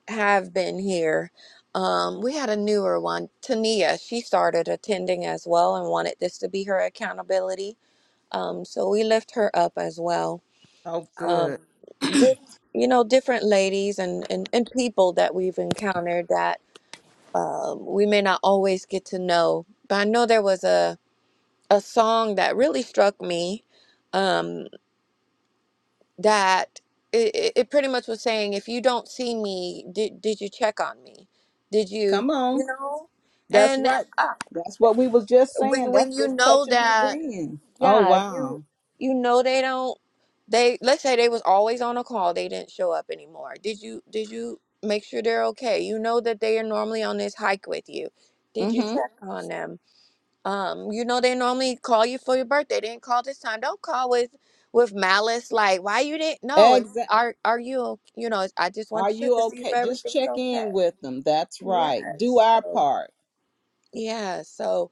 Speaker 1: have been here. Um, we had a newer one, Tania. She started attending as well and wanted this to be her accountability um, so we lift her up as well.
Speaker 2: Oh,
Speaker 1: Um,
Speaker 2: good.
Speaker 1: just, you know, different ladies and, and, and people that we've encountered that um, we may not always get to know. But I know there was a, a song that really struck me um, that it, it it pretty much was saying, if you don't see me, did, did you check on me? Did you,
Speaker 2: Come on.
Speaker 1: you know?
Speaker 2: That's
Speaker 1: And
Speaker 2: right.
Speaker 1: uh,
Speaker 2: That's what we was just saying.
Speaker 1: when,
Speaker 2: That's
Speaker 1: when you
Speaker 2: just
Speaker 1: know
Speaker 2: touching and
Speaker 1: that.
Speaker 2: agreeing. Oh
Speaker 1: Yeah, if you
Speaker 2: wow.
Speaker 1: you know they don't they let's say they was always on a call, they didn't show up anymore. Did you did you make sure they're okay? You know that they are normally on this hike with you. Did you
Speaker 2: Mm-hmm.
Speaker 1: check on them? Um, you know they normally call you for your birthday. They didn't call this time. Don't call with with malice like why you didn't know it's
Speaker 2: Exactly.
Speaker 1: are are you o- you know, it's, I just want
Speaker 2: Are
Speaker 1: to check
Speaker 2: you
Speaker 1: to see if
Speaker 2: okay? Just
Speaker 1: everything's
Speaker 2: check
Speaker 1: okay.
Speaker 2: in with them. That's right. Do
Speaker 1: Yes.
Speaker 2: our
Speaker 1: So
Speaker 2: part.
Speaker 1: yeah, so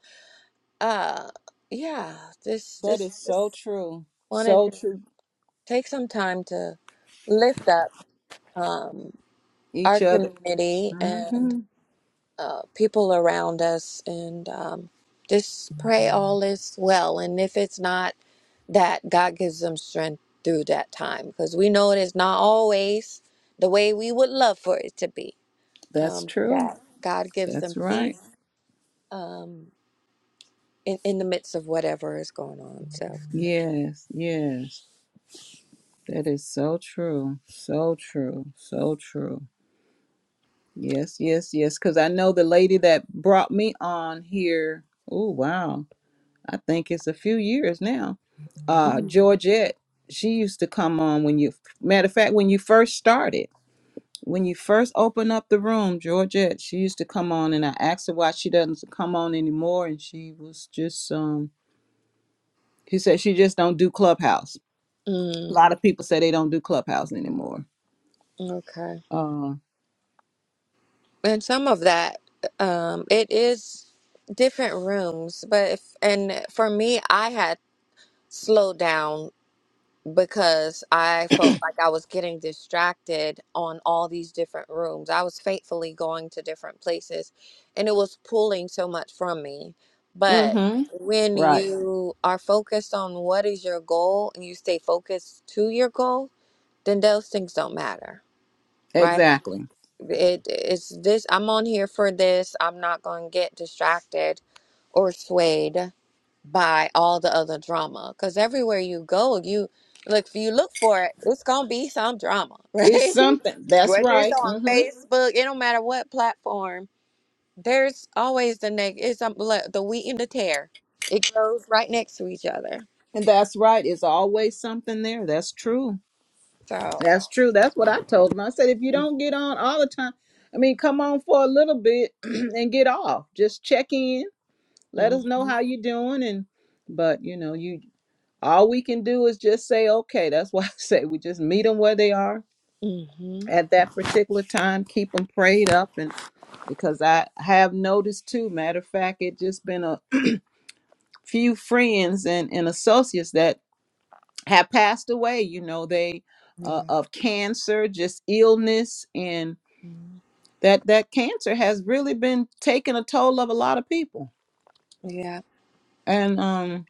Speaker 1: uh yeah, this
Speaker 2: That
Speaker 1: this
Speaker 2: is so
Speaker 1: just
Speaker 2: true.
Speaker 1: wanted
Speaker 2: So
Speaker 1: to.
Speaker 2: true.
Speaker 1: take some time to lift up um,
Speaker 2: Each
Speaker 1: our
Speaker 2: other.
Speaker 1: community and
Speaker 2: hmm
Speaker 1: uh, people around us and um, just pray all is well. And if it's not that, God gives them strength through that time because we know it is not always the way we would love for it to be.
Speaker 2: That's
Speaker 1: Um,
Speaker 2: true.
Speaker 1: that God gives
Speaker 2: That's
Speaker 1: them
Speaker 2: right.
Speaker 1: peace um, in, in the midst of whatever is going on. So,
Speaker 2: Yes, yes. That is so true. So true. So true. Yes, yes, yes. Because I know the lady that brought me on here. Oh, wow. I think it's a few years now. Uh,
Speaker 1: mm,
Speaker 2: Georgette, she used to come on when you, matter of fact, when you first started, when you first opened up the room, Georgette, she used to come on and I asked her why she doesn't come on anymore. And she was just, um, She said she just don't do Clubhouse. A lot
Speaker 1: mm,
Speaker 2: of people say they don't do Clubhouse anymore.
Speaker 1: okay.
Speaker 2: Uh,
Speaker 1: and some of that um it is different rooms but if and for me i had slowed down because i felt like i was getting distracted on all these different rooms i was faithfully going to different places and it was pulling so much from me but
Speaker 2: mm-hmm.
Speaker 1: when
Speaker 2: Right.
Speaker 1: you are focused on what is your goal and you stay focused to your goal then those things don't matter right
Speaker 2: Exactly.
Speaker 1: it it's this i'm on here for this i'm not going to get distracted or swayed by all the other drama because everywhere you go you look if you look for it it's going to be some drama
Speaker 2: It's
Speaker 1: right
Speaker 2: something. That's
Speaker 1: whether it's
Speaker 2: right.
Speaker 1: on
Speaker 2: Mm-hmm.
Speaker 1: facebook it don't matter what platform there's always the neg it's um, le- the wheat and the tear it grows right next to each other
Speaker 2: And that's right. It's always something there. That's true.
Speaker 1: so
Speaker 2: That's true. That's what I told him. I said, if you don't get on all the time, I mean, come on for a little bit and get off. Just check in. Let us know
Speaker 1: mm-hmm,
Speaker 2: how you're doing. And but you know, you all we can do is just say, okay. That's why I say we just meet them where they are
Speaker 1: mm-hmm,
Speaker 2: at that particular time keep them prayed up and because i have noticed too matter of fact it just been a few friends and, and associates that have passed away you know they uh,
Speaker 1: yeah
Speaker 2: of cancer just illness and
Speaker 1: mhm,
Speaker 2: that that cancer has really been taking a toll of a lot of people
Speaker 1: yeah
Speaker 2: and um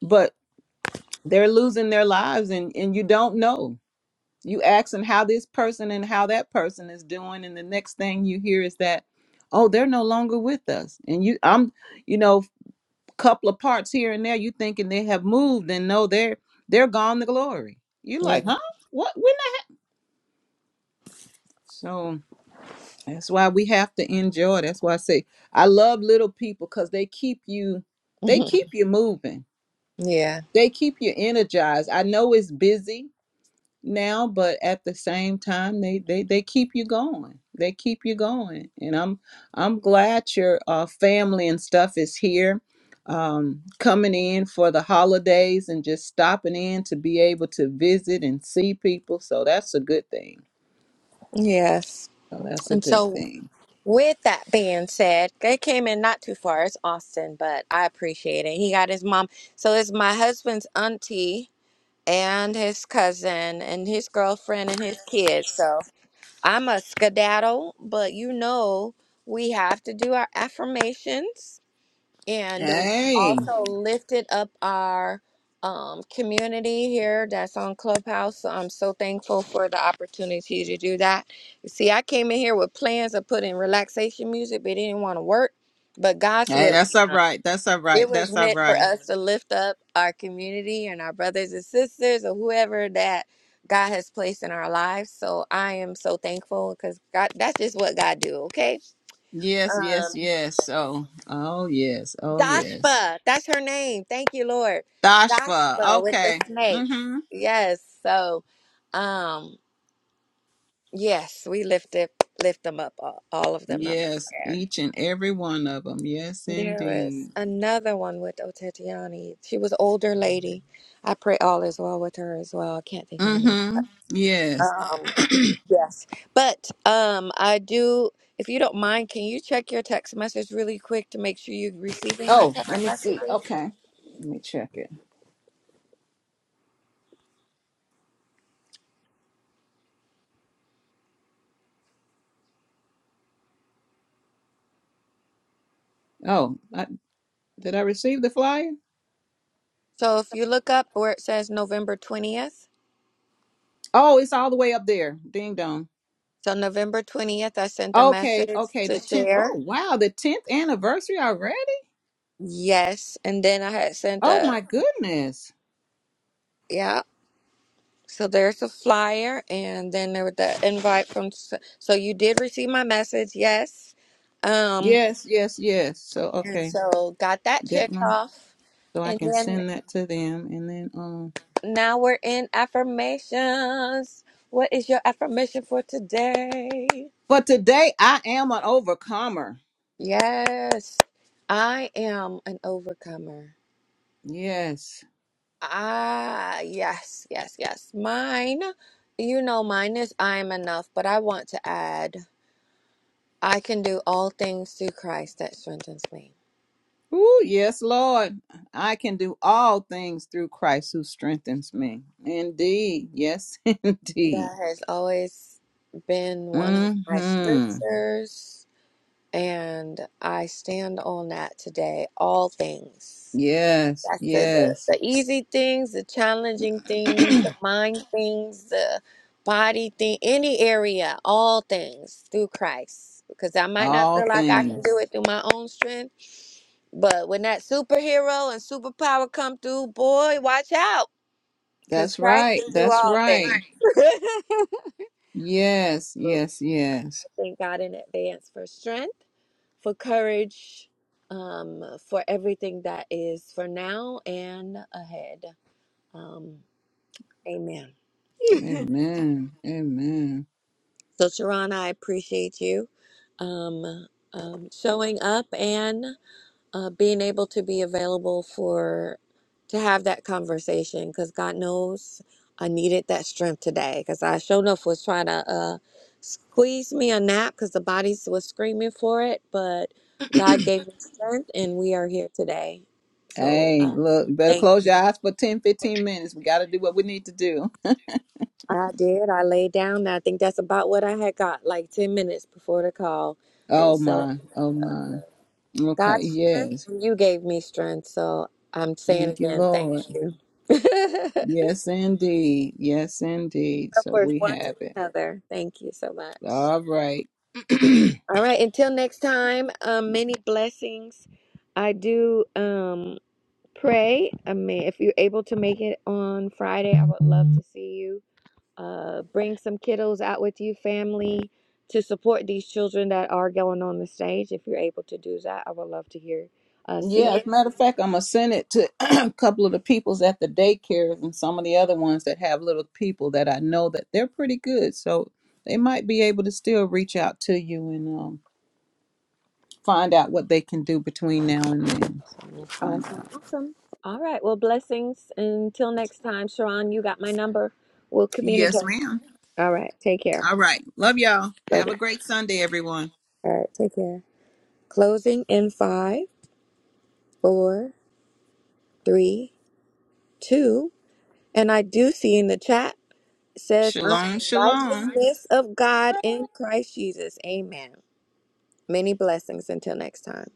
Speaker 2: but they're losing their lives and and you don't know You asking how this person and how that person is doing, and the next thing you hear is that, oh, they're no longer with us. And you, I'm, you know, couple of parts here and there. You thinking they have moved, and no, they're they're gone to glory. You
Speaker 1: yeah
Speaker 2: like, huh? What? When? That? So that's why we have to enjoy. That's why I say I love little people because they keep you, they
Speaker 1: mhm,
Speaker 2: keep you moving.
Speaker 1: yeah
Speaker 2: They keep you energized. I know it's busy now but at the same time they they they keep you going they keep you going and i'm i'm glad your uh, family and stuff is here um coming in for the holidays and just stopping in to be able to visit and see people so that's a good thing
Speaker 1: yes
Speaker 2: so that's a
Speaker 1: and
Speaker 2: good
Speaker 1: so
Speaker 2: thing
Speaker 1: With that being said, they came in not too far. It's Austin, but I appreciate it. He got his mom. So it's my husband's auntie and his cousin and his girlfriend and his kids. So I'm a skedaddle, but you know we have to do our affirmations and we
Speaker 2: hey
Speaker 1: also lifted up our um, community here that's on Clubhouse. So I'm so thankful for the opportunity to do that. You see, I came in here with plans of putting relaxation music, but it didn't want to work. But God's
Speaker 2: hey
Speaker 1: will,
Speaker 2: that's all right that's all
Speaker 1: it
Speaker 2: right
Speaker 1: was
Speaker 2: that's all
Speaker 1: meant for
Speaker 2: right
Speaker 1: us to lift up our community and our brothers and sisters or whoever that God has placed in our lives. So I am so thankful because God, that's just what God do. Okay.
Speaker 2: yes yes
Speaker 1: Um,
Speaker 2: yes so oh yes oh yes
Speaker 1: Dashpa, that's her name. Thank you, Lord.
Speaker 2: dashfa
Speaker 1: Dashpa with the
Speaker 2: okay
Speaker 1: snakes.
Speaker 2: Mm-hmm.
Speaker 1: Yes. So, um, yes, we lifted lift them up, all, all of them up in
Speaker 2: Yes,
Speaker 1: prayer.
Speaker 2: each and every one of them. Yes,
Speaker 1: There was
Speaker 2: indeed.
Speaker 1: another one with Otetiani. She was older lady. I pray all is well with her as well. I can't think of her name.
Speaker 2: Mm-hmm. Yes.
Speaker 1: Um, yes. But um, I do. If you don't mind, can you check your text message really quick to make sure you're receiving my
Speaker 2: Oh,
Speaker 1: text
Speaker 2: let me see.
Speaker 1: messages?
Speaker 2: Okay. Let me check it. Oh, I, did I receive the flyer?
Speaker 1: So if you look up where it says November 20th,
Speaker 2: Oh, it's all the way up there. Ding dong.
Speaker 1: so November 20th, I sent a
Speaker 2: Okay,
Speaker 1: message
Speaker 2: okay.
Speaker 1: to
Speaker 2: The 10th. Oh,
Speaker 1: share.
Speaker 2: wow. The 10th anniversary already?
Speaker 1: Yes. And then I had sent
Speaker 2: Oh,
Speaker 1: a,
Speaker 2: my goodness.
Speaker 1: yeah. So there's a flyer and then there was the invite from, s- so you did receive my message. Yes. Um,
Speaker 2: Yes, yes, yes. So,
Speaker 1: and
Speaker 2: okay.
Speaker 1: so got that
Speaker 2: That
Speaker 1: checked
Speaker 2: one.
Speaker 1: off.
Speaker 2: So I
Speaker 1: And
Speaker 2: can
Speaker 1: then
Speaker 2: send that to them. And then, um,
Speaker 1: now we're in affirmations. What is your affirmation for today?
Speaker 2: but today I am an overcomer.
Speaker 1: Yes. I am an overcomer.
Speaker 2: Yes.
Speaker 1: Ah, yes, yes, yes. Mine, you know, mine is I am enough, but I want to add, I can do all things through Christ that strengthens me.
Speaker 2: Ooh, yes, Lord. I can do all things through Christ who strengthens me. Indeed. Yes, indeed.
Speaker 1: That has always been one of my
Speaker 2: Mm-hmm.
Speaker 1: scriptures, and I stand on that today. All things.
Speaker 2: Yes,
Speaker 1: That's the, the,
Speaker 2: yes.
Speaker 1: the easy things, the challenging things, the mind things, the body thing, any area, all things through Christ. Because I might not
Speaker 2: all
Speaker 1: feel like I can
Speaker 2: things.
Speaker 1: do it through my own strength, but when that superhero and superpower come through, boy, watch out. Because
Speaker 2: That's
Speaker 1: Christ
Speaker 2: right.
Speaker 1: can do
Speaker 2: That's
Speaker 1: all things.
Speaker 2: right. Yes,
Speaker 1: I
Speaker 2: yes, yes.
Speaker 1: thank God in advance for strength, for courage, um, for everything that is for now and ahead. Um, amen.
Speaker 2: Amen. Amen.
Speaker 1: So, Sharon, I appreciate you um, um, showing up and uh, being able to be available for to have that conversation. Because God knows I needed that strength today. Because I sure enough was trying to uh, squeeze me a nap because the body was screaming for it, but God gave me strength, and we are here today. So,
Speaker 2: Hey,
Speaker 1: uh,
Speaker 2: look, you better
Speaker 1: thank
Speaker 2: close
Speaker 1: you.
Speaker 2: your eyes for ten, fifteen minutes. We got to do what we need to do.
Speaker 1: I did. I laid down. I think that's about what I had got, like 10 minutes before the call. And
Speaker 2: Oh,
Speaker 1: so
Speaker 2: my. Oh, my. Okay.
Speaker 1: God's strength,
Speaker 2: Yes.
Speaker 1: and you gave me strength. So I'm saying
Speaker 2: Thank you,
Speaker 1: again, thank
Speaker 2: Lord.
Speaker 1: you.
Speaker 2: Yes, indeed. Yes, indeed. So
Speaker 1: Upwards
Speaker 2: we
Speaker 1: one to
Speaker 2: have it.
Speaker 1: another. Thank you so much.
Speaker 2: All right.
Speaker 1: All right, until next time, um, many blessings. I do um pray. I mean, if you're able to make it on Friday, I would love to see you. Uh, bring some kiddos out with you, family, to support these children that are going on the stage. If you're able to do that, I would love to hear, uh, see
Speaker 2: Yeah,
Speaker 1: you.
Speaker 2: as a matter of fact, I'm going to send it to a couple of the peoples at the daycares and some of the other ones that have little people that I know that they're pretty good. So they might be able to still reach out to you and um, find out what they can do between now and then. So we'll find
Speaker 1: Awesome.
Speaker 2: out.
Speaker 1: Awesome. All right. Well, blessings. Until next time, Sharon, you got my number. We'll
Speaker 2: Yes,
Speaker 1: communicate.
Speaker 2: ma'am.
Speaker 1: All right. Take care.
Speaker 2: All right. Love y'all.
Speaker 1: Love
Speaker 2: Have a
Speaker 1: it.
Speaker 2: great Sunday, everyone.
Speaker 1: All right. Take care. Closing in five, four, three, two. And I do see in the chat it says, I'm
Speaker 2: Shalom,
Speaker 1: the
Speaker 2: shalom.
Speaker 1: righteousness of God in Christ Jesus. Amen. Many blessings until next time.